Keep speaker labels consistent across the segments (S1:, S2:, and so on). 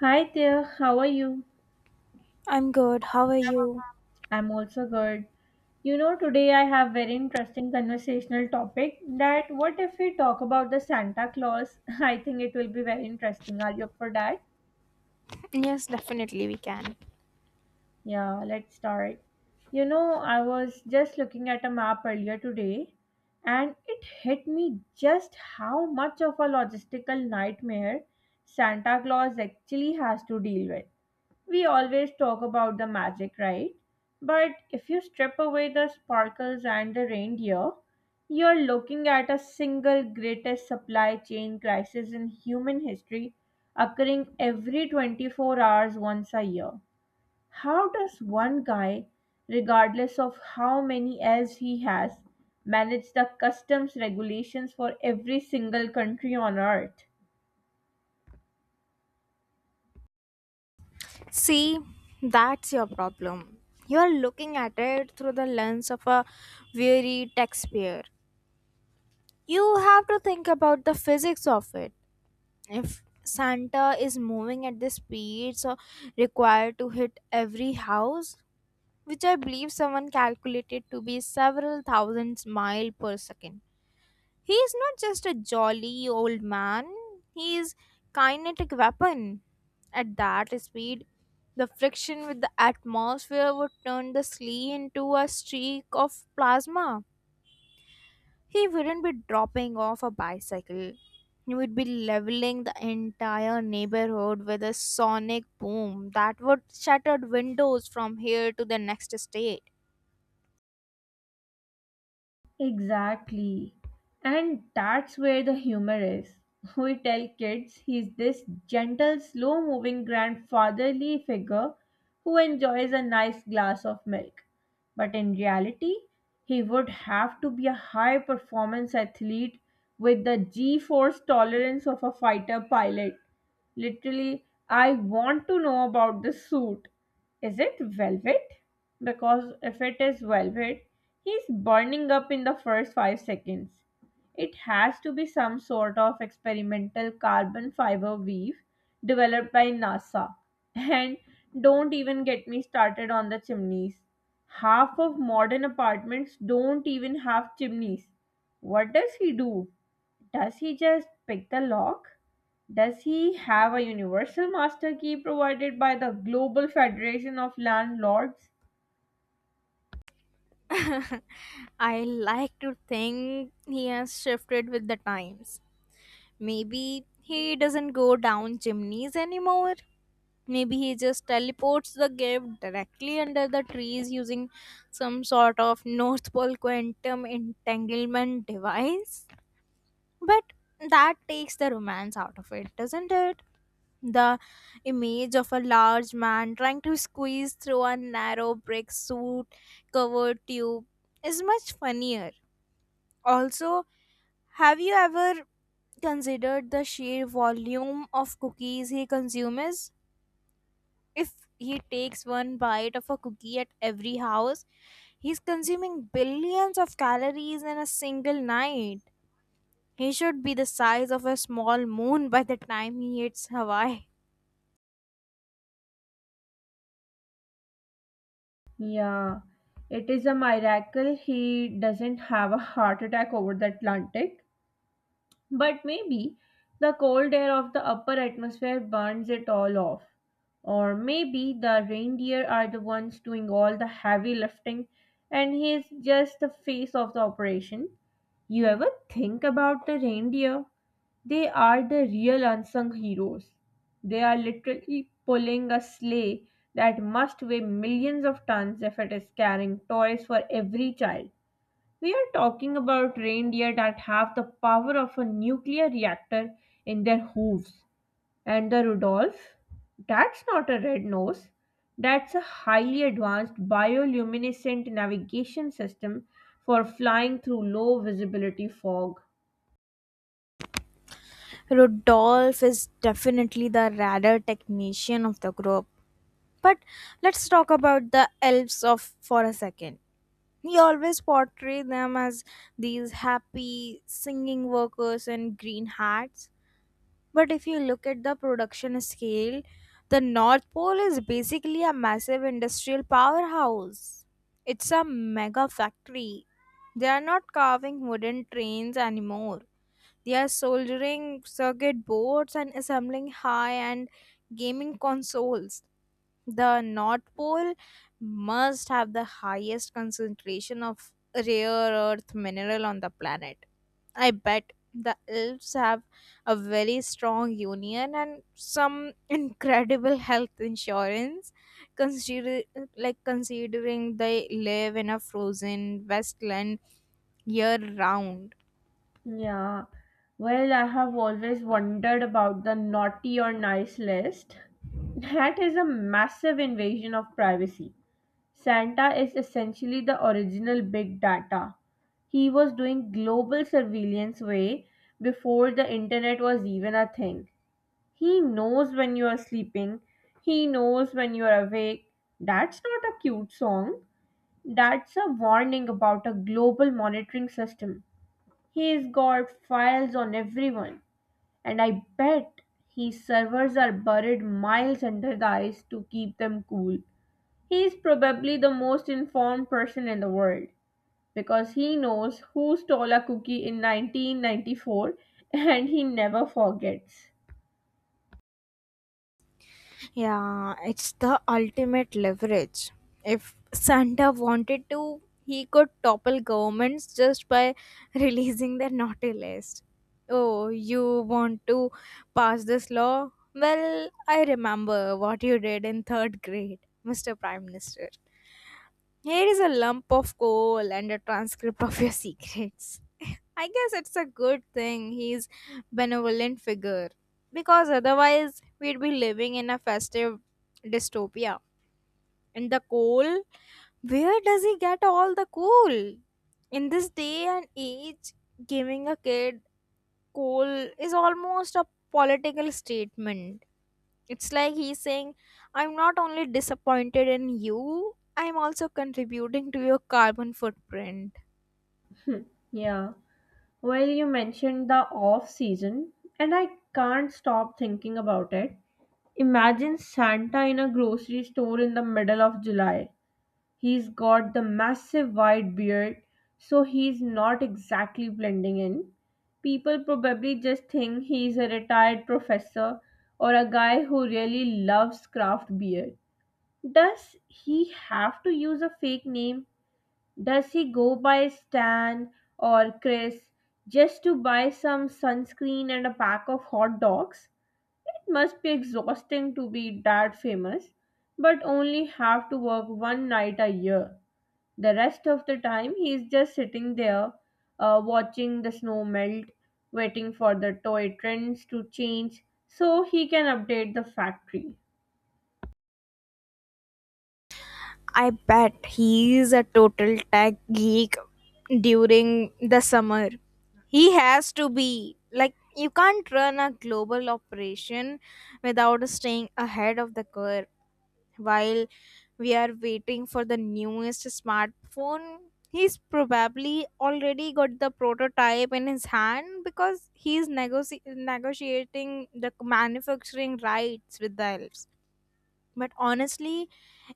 S1: Hi there, how are you?
S2: I'm good. How are you?
S1: I'm also good. You know, today I have very interesting conversational topic that what if we talk about the Santa Claus? I think it will be very interesting. Are you up for that?
S2: Yes, definitely we can.
S1: Yeah, let's start. You know, I was just looking at a map earlier today and it hit me just how much of a logistical nightmare Santa Claus actually has to deal with. We always talk about the magic, right? But if you strip away the sparkles and the reindeer, you're looking at a single greatest supply chain crisis in human history occurring every 24 hours once a year. How does one guy, regardless of how many elves he has, manage the customs regulations for every single country on earth?
S2: See, that's your problem. You are looking at it through the lens of a weary taxpayer. You have to think about the physics of it. If Santa is moving at the speeds so required to hit every house, which I believe someone calculated to be several thousands mile per second, he is not just a jolly old man, he is kinetic weapon. At that speed, the friction with the atmosphere would turn the slee into a streak of plasma. He wouldn't be dropping off a bicycle. He would be leveling the entire neighborhood with a sonic boom that would shatter windows from here to the next state.
S1: Exactly. And that's where the humor is. We tell kids he's this gentle, slow moving grandfatherly figure who enjoys a nice glass of milk. But in reality, he would have to be a high performance athlete with the g force tolerance of a fighter pilot. Literally, I want to know about this suit. Is it velvet? Because if it is velvet, he's burning up in the first 5 seconds. It has to be some sort of experimental carbon fiber weave developed by NASA. And don't even get me started on the chimneys. Half of modern apartments don't even have chimneys. What does he do? Does he just pick the lock? Does he have a universal master key provided by the Global Federation of Landlords?
S2: I like to think he has shifted with the times. Maybe he doesn't go down chimneys anymore. Maybe he just teleports the gift directly under the trees using some sort of North Pole quantum entanglement device. But that takes the romance out of it, doesn't it? The image of a large man trying to squeeze through a narrow brick suit covered tube is much funnier. Also, have you ever considered the sheer volume of cookies he consumes. If he takes one bite of a cookie at every house, he's consuming billions of calories in a single night. He should be the size of a small moon by the time he hits Hawaii.
S1: Yeah, it is a miracle he doesn't have a heart attack over the Atlantic. But maybe the cold air of the upper atmosphere burns it all off. Or maybe the reindeer are the ones doing all the heavy lifting and he is just the face of the operation. You ever think about the reindeer? They are the real unsung heroes. They are literally pulling a sleigh that must weigh millions of tons if it is carrying toys for every child. We are talking about reindeer that have the power of a nuclear reactor in their hooves. And the Rudolph, that's not a red nose, that's a highly advanced bioluminescent navigation system for flying through low visibility fog.
S2: Rodolphe is definitely the radar technician of the group. But let's talk about the elves of for a second. He always portrayed them as these happy singing workers in green hats. But if you look at the production scale, the North Pole is basically a massive industrial powerhouse. It's a mega factory. They are not carving wooden trains anymore. They are soldering circuit boards and assembling high end gaming consoles. The North Pole must have the highest concentration of rare earth mineral on the planet. I bet the elves have a very strong union and some incredible health insurance consider considering they live in a frozen wasteland year round.
S1: Yeah, well, I have always wondered about the naughty or nice list. That is a massive invasion of privacy. Santa is essentially the original big data. He was doing global surveillance way before the internet was even a thing. He knows when you are sleeping. He knows when you are awake. That's not a cute song. That's a warning about a global monitoring system. He's got files on everyone, and I bet his servers are buried miles under the ice to keep them cool. He's probably the most informed person in the world because he knows who stole a cookie in 1994 and he never forgets.
S2: Yeah, it's the ultimate leverage. If Santa wanted to, he could topple governments just by releasing their naughty list. Oh, you want to pass this law? Well, I remember what you did in third grade, Mr. Prime Minister. Here is a lump of coal and a transcript of your secrets. I guess it's a good thing he's benevolent figure because otherwise we'd be living in a festive dystopia. And the coal? Where does he get all the coal? In this day and age, giving a kid coal is almost a political statement. It's like he's saying, I'm not only disappointed in you, I'm also contributing to your carbon footprint.
S1: Yeah. Well, you mentioned the off season, and I can't stop thinking about it. Imagine Santa in a grocery store in the middle of July. He's got the massive white beard, so he's not exactly blending in. People probably just think he's a retired professor or a guy who really loves craft beer. Does he have to use a fake name, does he go by Stan or Chris just to buy some sunscreen and a pack of hot dogs? It must be exhausting to be that famous, but only have to work one night a year. The rest of the time, he is just sitting there, watching the snow melt, waiting for the toy trends to change so he can update the factory.
S2: I bet he's a total tech geek during the summer. He has to be. Like, you can't run a global operation without staying ahead of the curve. While we are waiting for the newest smartphone, he's probably already got the prototype in his hand because he's negotiating the manufacturing rights with the elves. But honestly,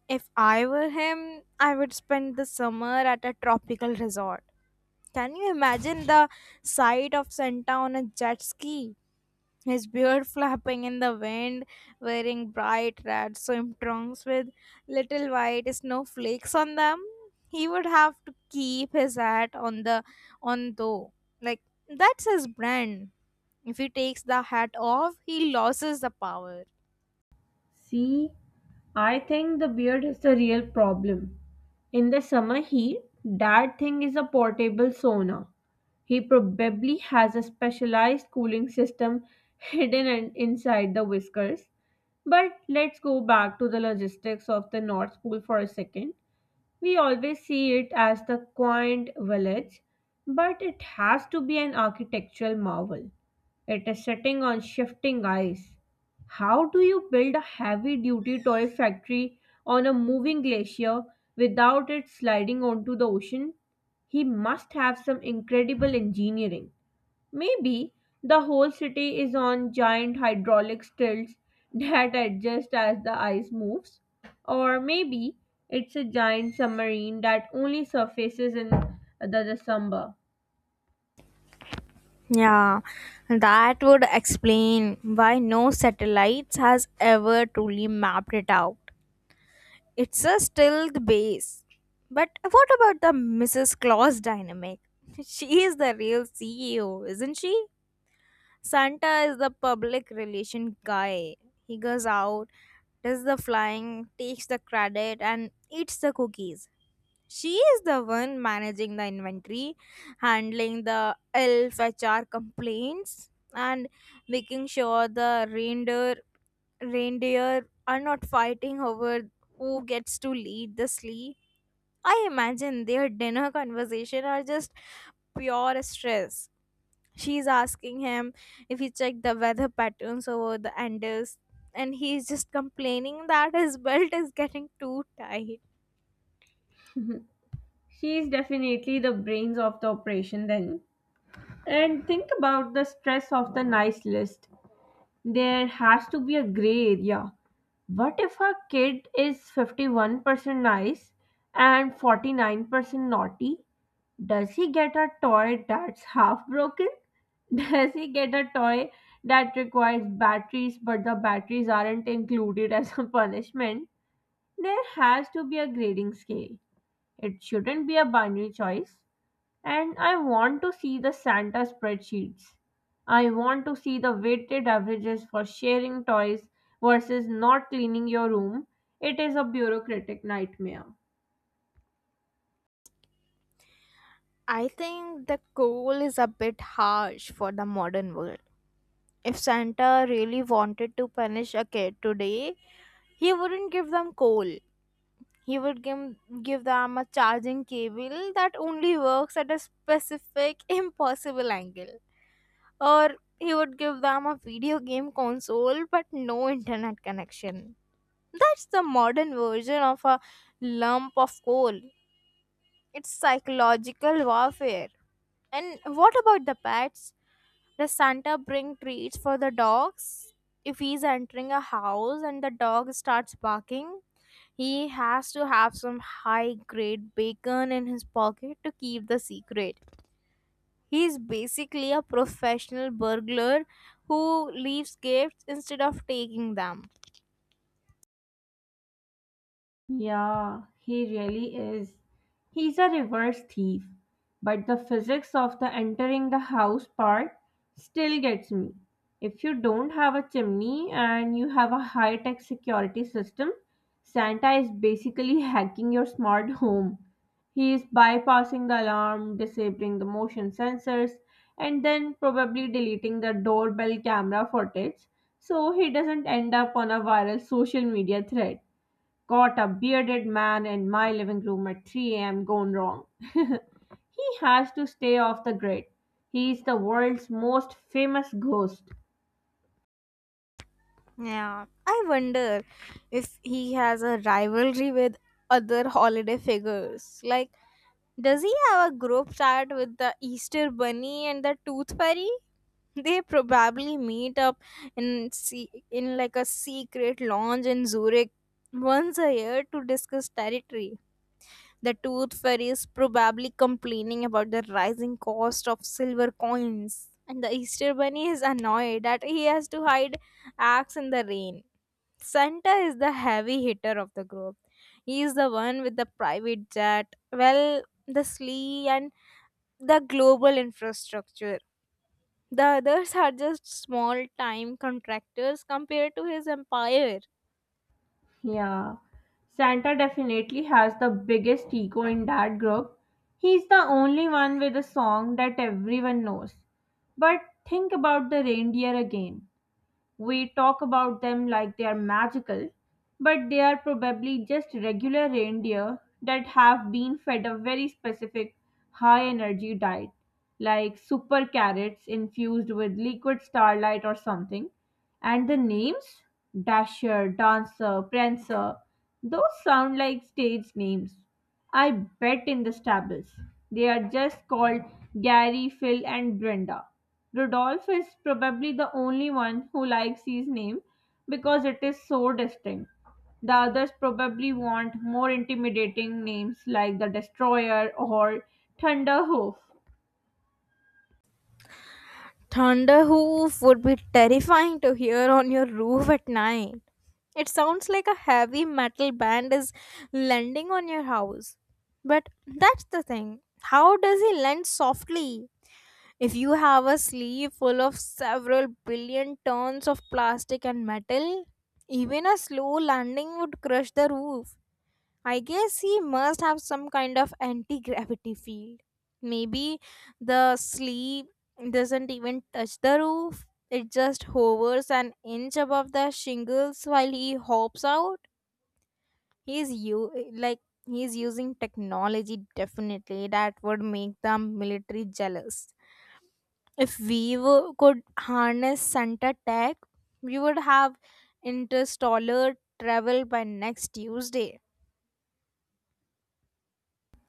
S2: if I were him, I would spend the summer at a tropical resort. Can you imagine the sight of Santa on a jet ski? His beard flapping in the wind, wearing bright red swim trunks with little white snowflakes on them. He would have to keep his hat on though. Like, that's his brand. If he takes the hat off, he loses the power.
S1: See? I think the beard is the real problem. In the summer heat, that thing is a portable sauna. He probably has a specialized cooling system hidden inside the whiskers. But let's go back to the logistics of the North Pole for a second. We always see it as the quaint village, but it has to be an architectural marvel. It is sitting on shifting ice. How do you build a heavy duty toy factory on a moving glacier without it sliding onto the ocean? He must have some incredible engineering. Maybe the whole city is on giant hydraulic stilts that adjust as the ice moves. Or maybe it's a giant submarine that only surfaces in the December.
S2: Yeah, that would explain why no satellites has ever truly mapped it out. It's a still the base. But what about the Mrs. Claus dynamic? She is the real CEO, isn't she? Santa is the public relation guy. He goes out, does the flying, takes the credit and eats the cookies. She is the one managing the inventory, handling the elf HR complaints, and making sure the reindeer are not fighting over who gets to lead the sleigh. I imagine their dinner conversation are just pure stress. She's asking him if he checked the weather patterns over the Andes, and he's just complaining that his belt is getting too tight.
S1: She is definitely the brains of the operation then. And think about the stress of the nice list. There has to be a gray area. What if a kid is 51% nice and 49% naughty? Does he get a toy that's half broken? Does he get a toy that requires batteries but the batteries aren't included as a punishment? There has to be a grading scale. It shouldn't be a binary choice. And I want to see the Santa spreadsheets. I want to see the weighted averages for sharing toys versus not cleaning your room. It is a bureaucratic nightmare.
S2: I think the goal is a bit harsh for the modern world. If Santa really wanted to punish a kid today, he wouldn't give them coal. He would give them a charging cable that only works at a specific impossible angle. Or he would give them a video game console but no internet connection. That's the modern version of a lump of coal. It's psychological warfare. And what about the pets? Does Santa bring treats for the dogs? If he's entering a house and the dog starts barking, he has to have some high grade bacon in his pocket to keep the secret. He's basically a professional burglar who leaves gifts instead of taking them.
S1: Yeah, he really is. He's a reverse thief. But the physics of the entering the house part still gets me. If you don't have a chimney and you have a high tech security system, Santa is basically hacking your smart home. He is bypassing the alarm, disabling the motion sensors, and then probably deleting the doorbell camera footage so he doesn't end up on a viral social media thread. Caught a bearded man in my living room at 3 a.m. gone wrong. He has to stay off the grid. He is the world's most famous ghost.
S2: Yeah, I wonder if he has a rivalry with other holiday figures like, does he have a group chat with the Easter Bunny and the Tooth Fairy? They probably meet up in like a secret lounge in Zurich once a year to discuss territory. The Tooth Fairy is probably complaining about the rising cost of silver coins, and the Easter Bunny is annoyed that he has to hide axe in the rain. Santa is the heavy hitter of the group. He is the one with the private jet. Well, the sleigh and the global infrastructure. The others are just small time contractors compared to his empire.
S1: Yeah, Santa definitely has the biggest ego in that group. He's the only one with a song that everyone knows. But think about the reindeer again. We talk about them like they are magical, but they are probably just regular reindeer that have been fed a very specific high energy diet, like super carrots infused with liquid starlight or something. And the names? Dasher, Dancer, Prancer, those sound like stage names. I bet in the stables. They are just called Gary, Phil, and Brenda. Rodolph is probably the only one who likes his name because it is so distinct. The others probably want more intimidating names like the Destroyer or Thunderhoof.
S2: Thunder hoof would be terrifying to hear on your roof at night. It sounds like a heavy metal band is landing on your house. But that's the thing. How does he land softly? If you have a sleeve full of several billion tons of plastic and metal, even a slow landing would crush the roof. I guess he must have some kind of anti gravity field. Maybe the sleeve doesn't even touch the roof, it just hovers an inch above the shingles while he hops out. He's you like he's using technology definitely that would make the military jealous. If we were, could harness Santa Tech, we would have interstellar travel by next Tuesday.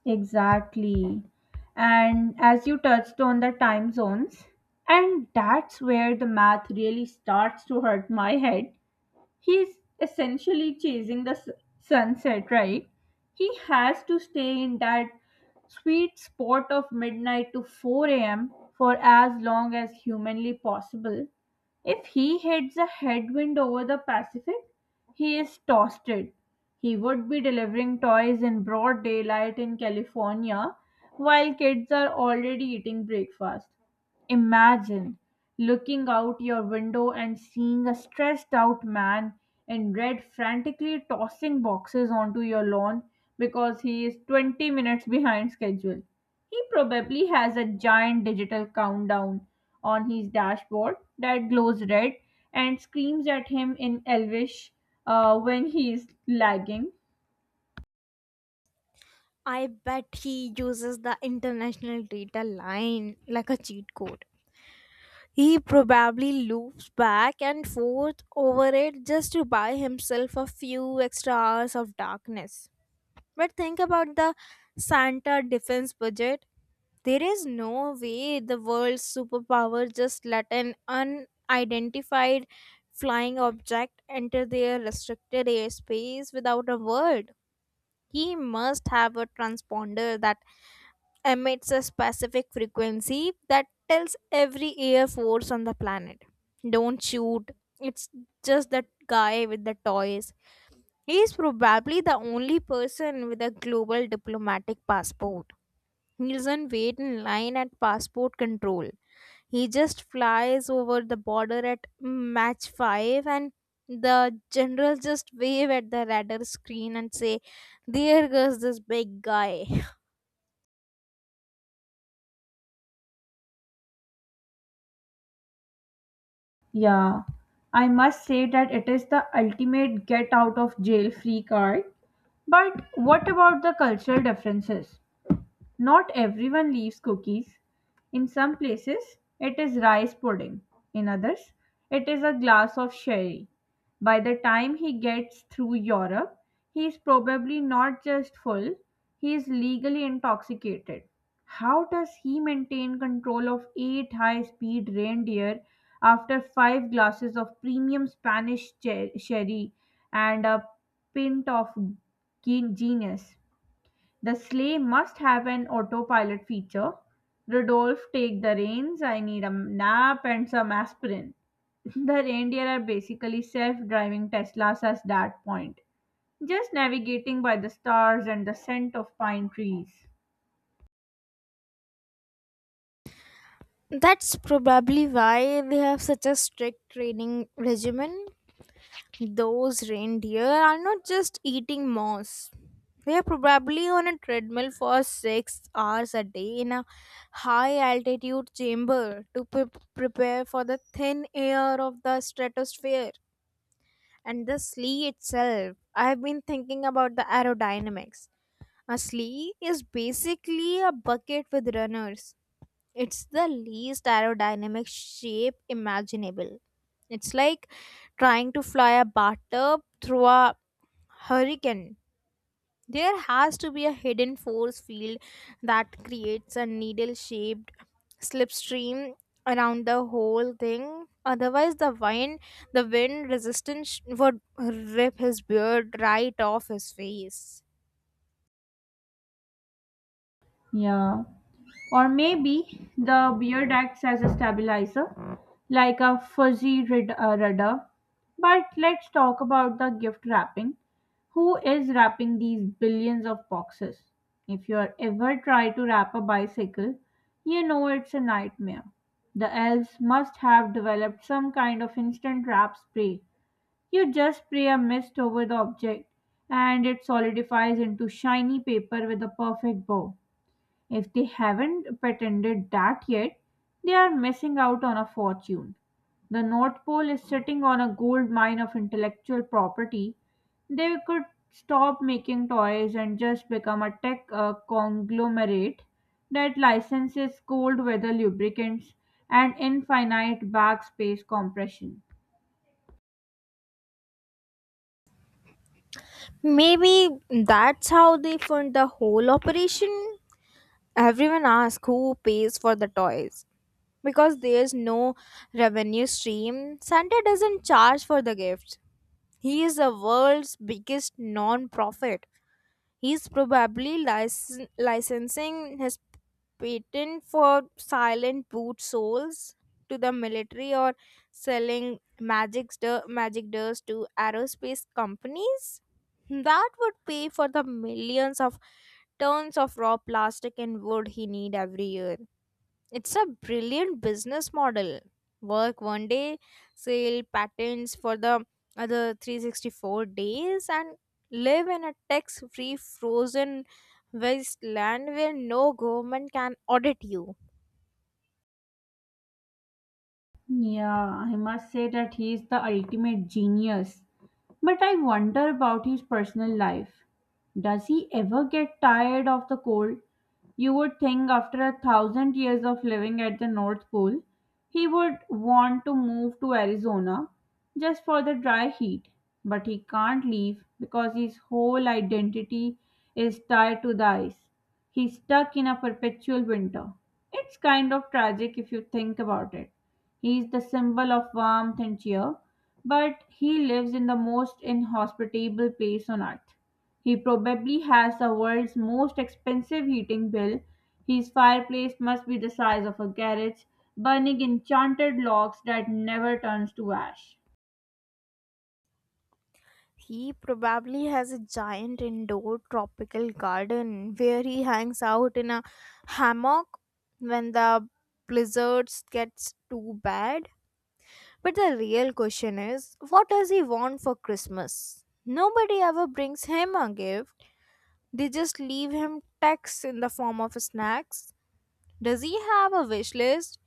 S1: Exactly. And as you touched on the time zones, and that's where the math really starts to hurt my head, he's essentially chasing the sunset, right? He has to stay in that sweet spot of midnight to 4 a.m. for as long as humanly possible. If he hits a headwind over the Pacific, he is toasted. He would be delivering toys in broad daylight in California while kids are already eating breakfast. Imagine looking out your window and seeing a stressed out man in red frantically tossing boxes onto your lawn because he is 20 minutes behind schedule. He probably has a giant digital countdown on his dashboard that glows red and screams at him in Elvish when he is lagging.
S2: I bet he uses the international data line like a cheat code. He probably loops back and forth over it just to buy himself a few extra hours of darkness. But think about the Santa defense budget. There is no way the world's superpower just let an unidentified flying object enter their restricted airspace without a word. He must have a transponder that emits a specific frequency that tells every air force on the planet, don't shoot. It's just that guy with the toys. He is probably the only person with a global diplomatic passport. He doesn't wait in line at passport control. He just flies over the border at match 5 and the generals just wave at the radar screen and say, there goes this big guy.
S1: Yeah, I must say that it is the ultimate get out of jail free card. But what about the cultural differences? Not everyone leaves cookies. In some places, it is rice pudding. In others, it is a glass of sherry. By the time he gets through Europe, he is probably not just full, he is legally intoxicated. How does he maintain control of eight high speed reindeer after five glasses of premium Spanish sherry and a pint of genius? The sleigh must have an autopilot feature. Rudolph, take the reins. I need a nap and some aspirin. The reindeer are basically self driving Teslas at that point, just navigating by the stars and the scent of pine trees.
S2: That's probably why they have such a strict training regimen. Those reindeer are not just eating moss. They are probably on a treadmill for 6 hours a day in a high altitude chamber to prepare for the thin air of the stratosphere and the slee itself. I have been thinking about the aerodynamics. A slee is basically a bucket with runners. It's the least aerodynamic shape imaginable. It's like trying to fly a bathtub through a hurricane. There has to be a hidden force field that creates a needle shaped slipstream around the whole thing. Otherwise, the wind resistance would rip his beard right off his face.
S1: Yeah. Or maybe the beard acts as a stabilizer, like a fuzzy rudder. But let's talk about the gift wrapping. Who is wrapping these billions of boxes? If you are ever try to wrap a bicycle, you know it's a nightmare. The elves must have developed some kind of instant wrap spray. You just spray a mist over the object and it solidifies into shiny paper with a perfect bow. If they haven't patented that yet, they are missing out on a fortune. The North Pole is sitting on a gold mine of intellectual property. They could stop making toys and just become a tech conglomerate that licenses cold weather lubricants and infinite backspace compression.
S2: Maybe that's how they fund the whole operation. Everyone asks who pays for the toys because there's no revenue stream. Santa doesn't charge for the gifts. He is the world's biggest non-profit. He's probably licensing his patent for silent boot soles to the military or selling magic dust to aerospace companies. That would pay for the millions of tons of raw plastic and wood he need every year. It's a brilliant business model. Work 1 day, sell patents for the other 364 days, and live in a tax free frozen wasteland where no government can audit you.
S1: Yeah, I must say that he is the ultimate genius. But I wonder about his personal life. Does he ever get tired of the cold? You would think after 1,000 years of living at the North Pole, he would want to move to Arizona just for the dry heat. But he can't leave because his whole identity is tied to the ice. He's stuck in a perpetual winter. It's kind of tragic if you think about it. He is the symbol of warmth and cheer, but he lives in the most inhospitable place on earth. He probably has the world's most expensive heating bill. His fireplace must be the size of a garage, burning enchanted logs that never turns to ash.
S2: He probably has a giant indoor tropical garden where he hangs out in a hammock when the blizzards gets too bad. But the real question is what does he want for Christmas? Nobody ever brings him a gift, they just leave him texts in the form of snacks. Does he have a wish list?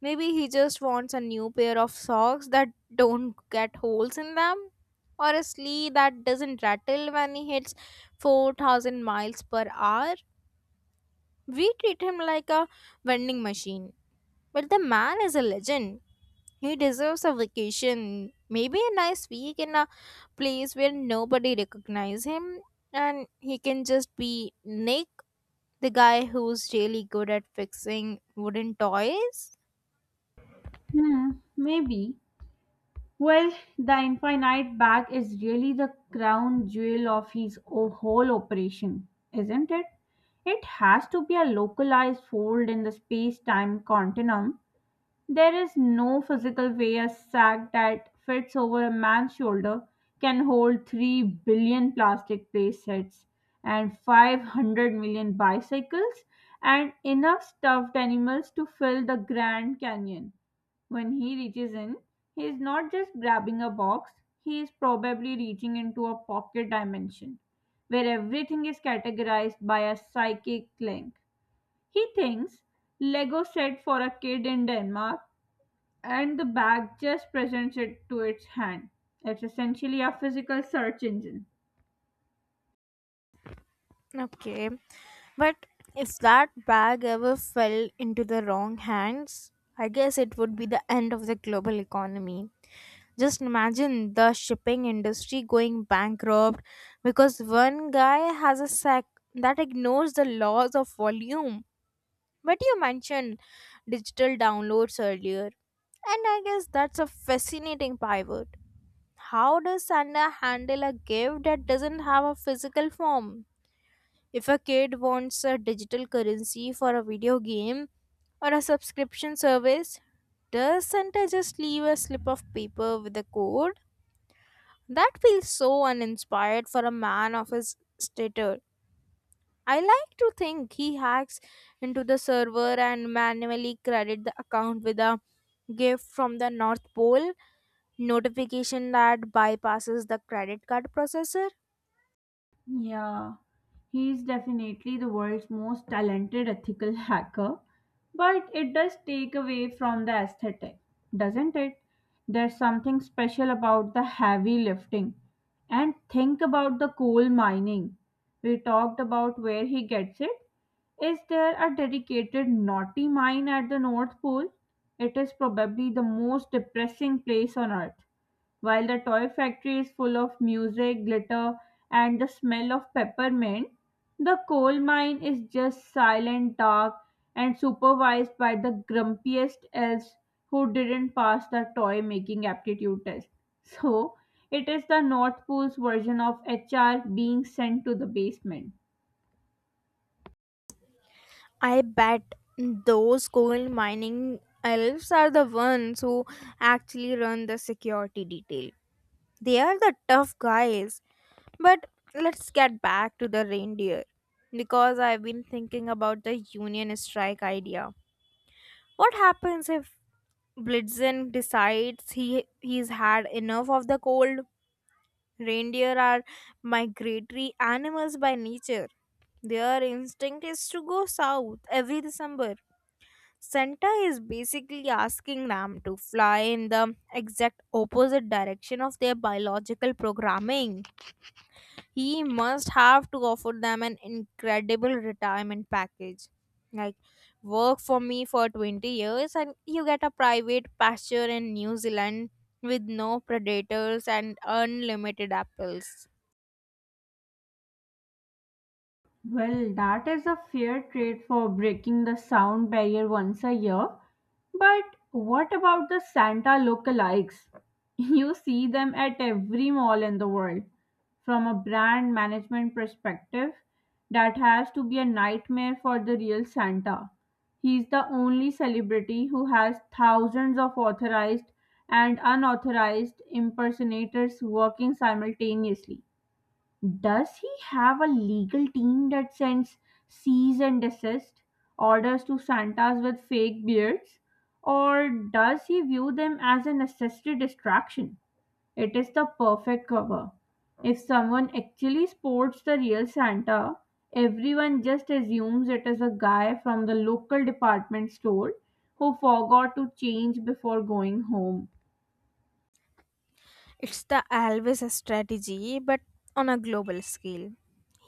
S2: Maybe he just wants a new pair of socks that don't get holes in them, or a sleigh that doesn't rattle when he hits 4,000 miles per hour. We treat him like a vending machine, but the man is a legend. He deserves a vacation, maybe a nice week in a place where nobody recognize him and he can just be Nick, the guy who's really good at fixing wooden toys.
S1: Hmm, maybe. Well, the infinite bag is really the crown jewel of his whole operation, isn't it? It has to be a localized fold in the space time continuum. There is no physical way a sack that fits over a man's shoulder can hold 3 billion plastic playsets and 500 million bicycles and enough stuffed animals to fill the Grand Canyon. When he reaches in, he is not just grabbing a box, he is probably reaching into a pocket dimension where everything is categorized by a psychic link. He thinks Lego set for a kid in Denmark and the bag just presents it to its hand. It's essentially a physical search engine.
S2: Okay. But if that bag ever fell into the wrong hands, I guess it would be the end of the global economy. Just imagine the shipping industry going bankrupt because one guy has a sack that ignores the laws of volume. But you mentioned digital downloads earlier, and I guess that's a fascinating pivot. How does Sanda handle a gift that doesn't have a physical form? If a kid wants a digital currency for a video game or a subscription service, does Santa just leave a slip of paper with a code? That feels so uninspired for a man of his stature. I like to think he hacks into the server and manually credit the account with a gift from the North Pole notification that bypasses the credit card processor.
S1: Yeah, he's definitely the world's most talented ethical hacker, but it does take away from the aesthetic, doesn't it? There's something special about the heavy lifting. And think about the coal mining. We talked about where he gets it. Is there a dedicated naughty mine at the North Pole? It is probably the most depressing place on earth. While the toy factory is full of music, glitter, and the smell of peppermint, the coal mine is just silent, dark, and supervised by the grumpiest elves who didn't pass the toy making aptitude test. So, it is the North Pole's version of HR being sent to the basement.
S2: I bet those coal mining elves are the ones who actually run the security detail. They are the tough guys. But let's get back to the reindeer because I've been thinking about the union strike idea. What happens if Blitzen decides he's had enough of the cold? Reindeer are migratory animals by nature. Their instinct is to go south every December. Santa is basically asking them to fly in the exact opposite direction of their biological programming. He must have to offer them an incredible retirement package. Like, work for me for 20 years and you get a private pasture in New Zealand with no predators and unlimited apples.
S1: Well, that is a fair trade for breaking the sound barrier once a year. But what about the Santa lookalikes? You see them at every mall in the world. From a brand management perspective, that has to be a nightmare for the real Santa. He's the only celebrity who has thousands of authorized and unauthorized impersonators working simultaneously. Does he have a legal team that sends cease and desist orders to Santas with fake beards? Or does he view them as a necessary distraction? It is the perfect cover. If someone actually sports the real Santa, everyone just assumes it is a guy from the local department store who forgot to change before going home.
S2: It's the Alves strategy, but on a global scale.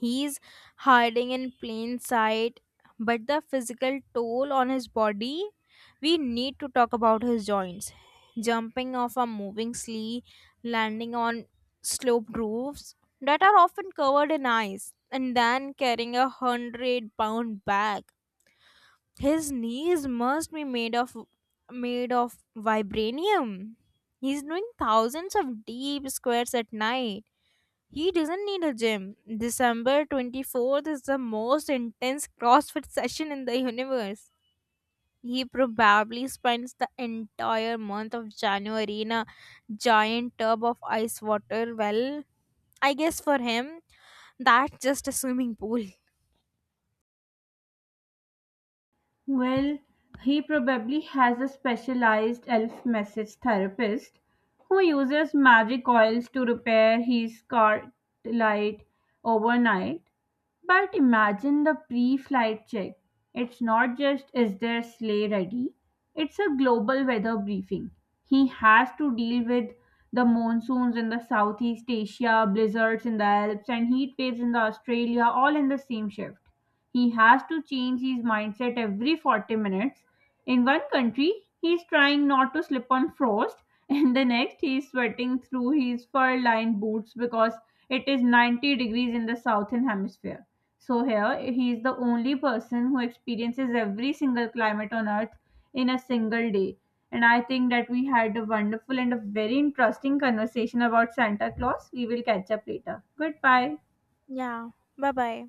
S2: He's hiding in plain sight, but the physical toll on his body, we need to talk about his joints. Jumping off a moving slee, landing on sloped roofs that are often covered in ice, and then carrying 100-pound bag, his knees must be made of vibranium. He's doing thousands of deep squats at night. He doesn't need a gym. December 24th is the most intense CrossFit session in the universe. He probably spends the entire month of January in a giant tub of ice water. Well, I guess for him, that's just a swimming pool.
S1: Well, he probably has a specialized elf message therapist who uses magic oils to repair his car light overnight. But imagine the pre flight check. It's not just is their sleigh ready, it's a global weather briefing. He has to deal with the monsoons in the Southeast Asia, blizzards in the Alps, and heat waves in the Australia all in the same shift. He has to change his mindset every 40 minutes. In one country, he is trying not to slip on frost, and the next, he's sweating through his fur lined boots because it is 90 degrees in the southern hemisphere. So, here, he is the only person who experiences every single climate on earth in a single day. And I think that we had a wonderful and a very interesting conversation about Santa Claus. We will catch up later. Goodbye.
S2: Yeah. Bye bye.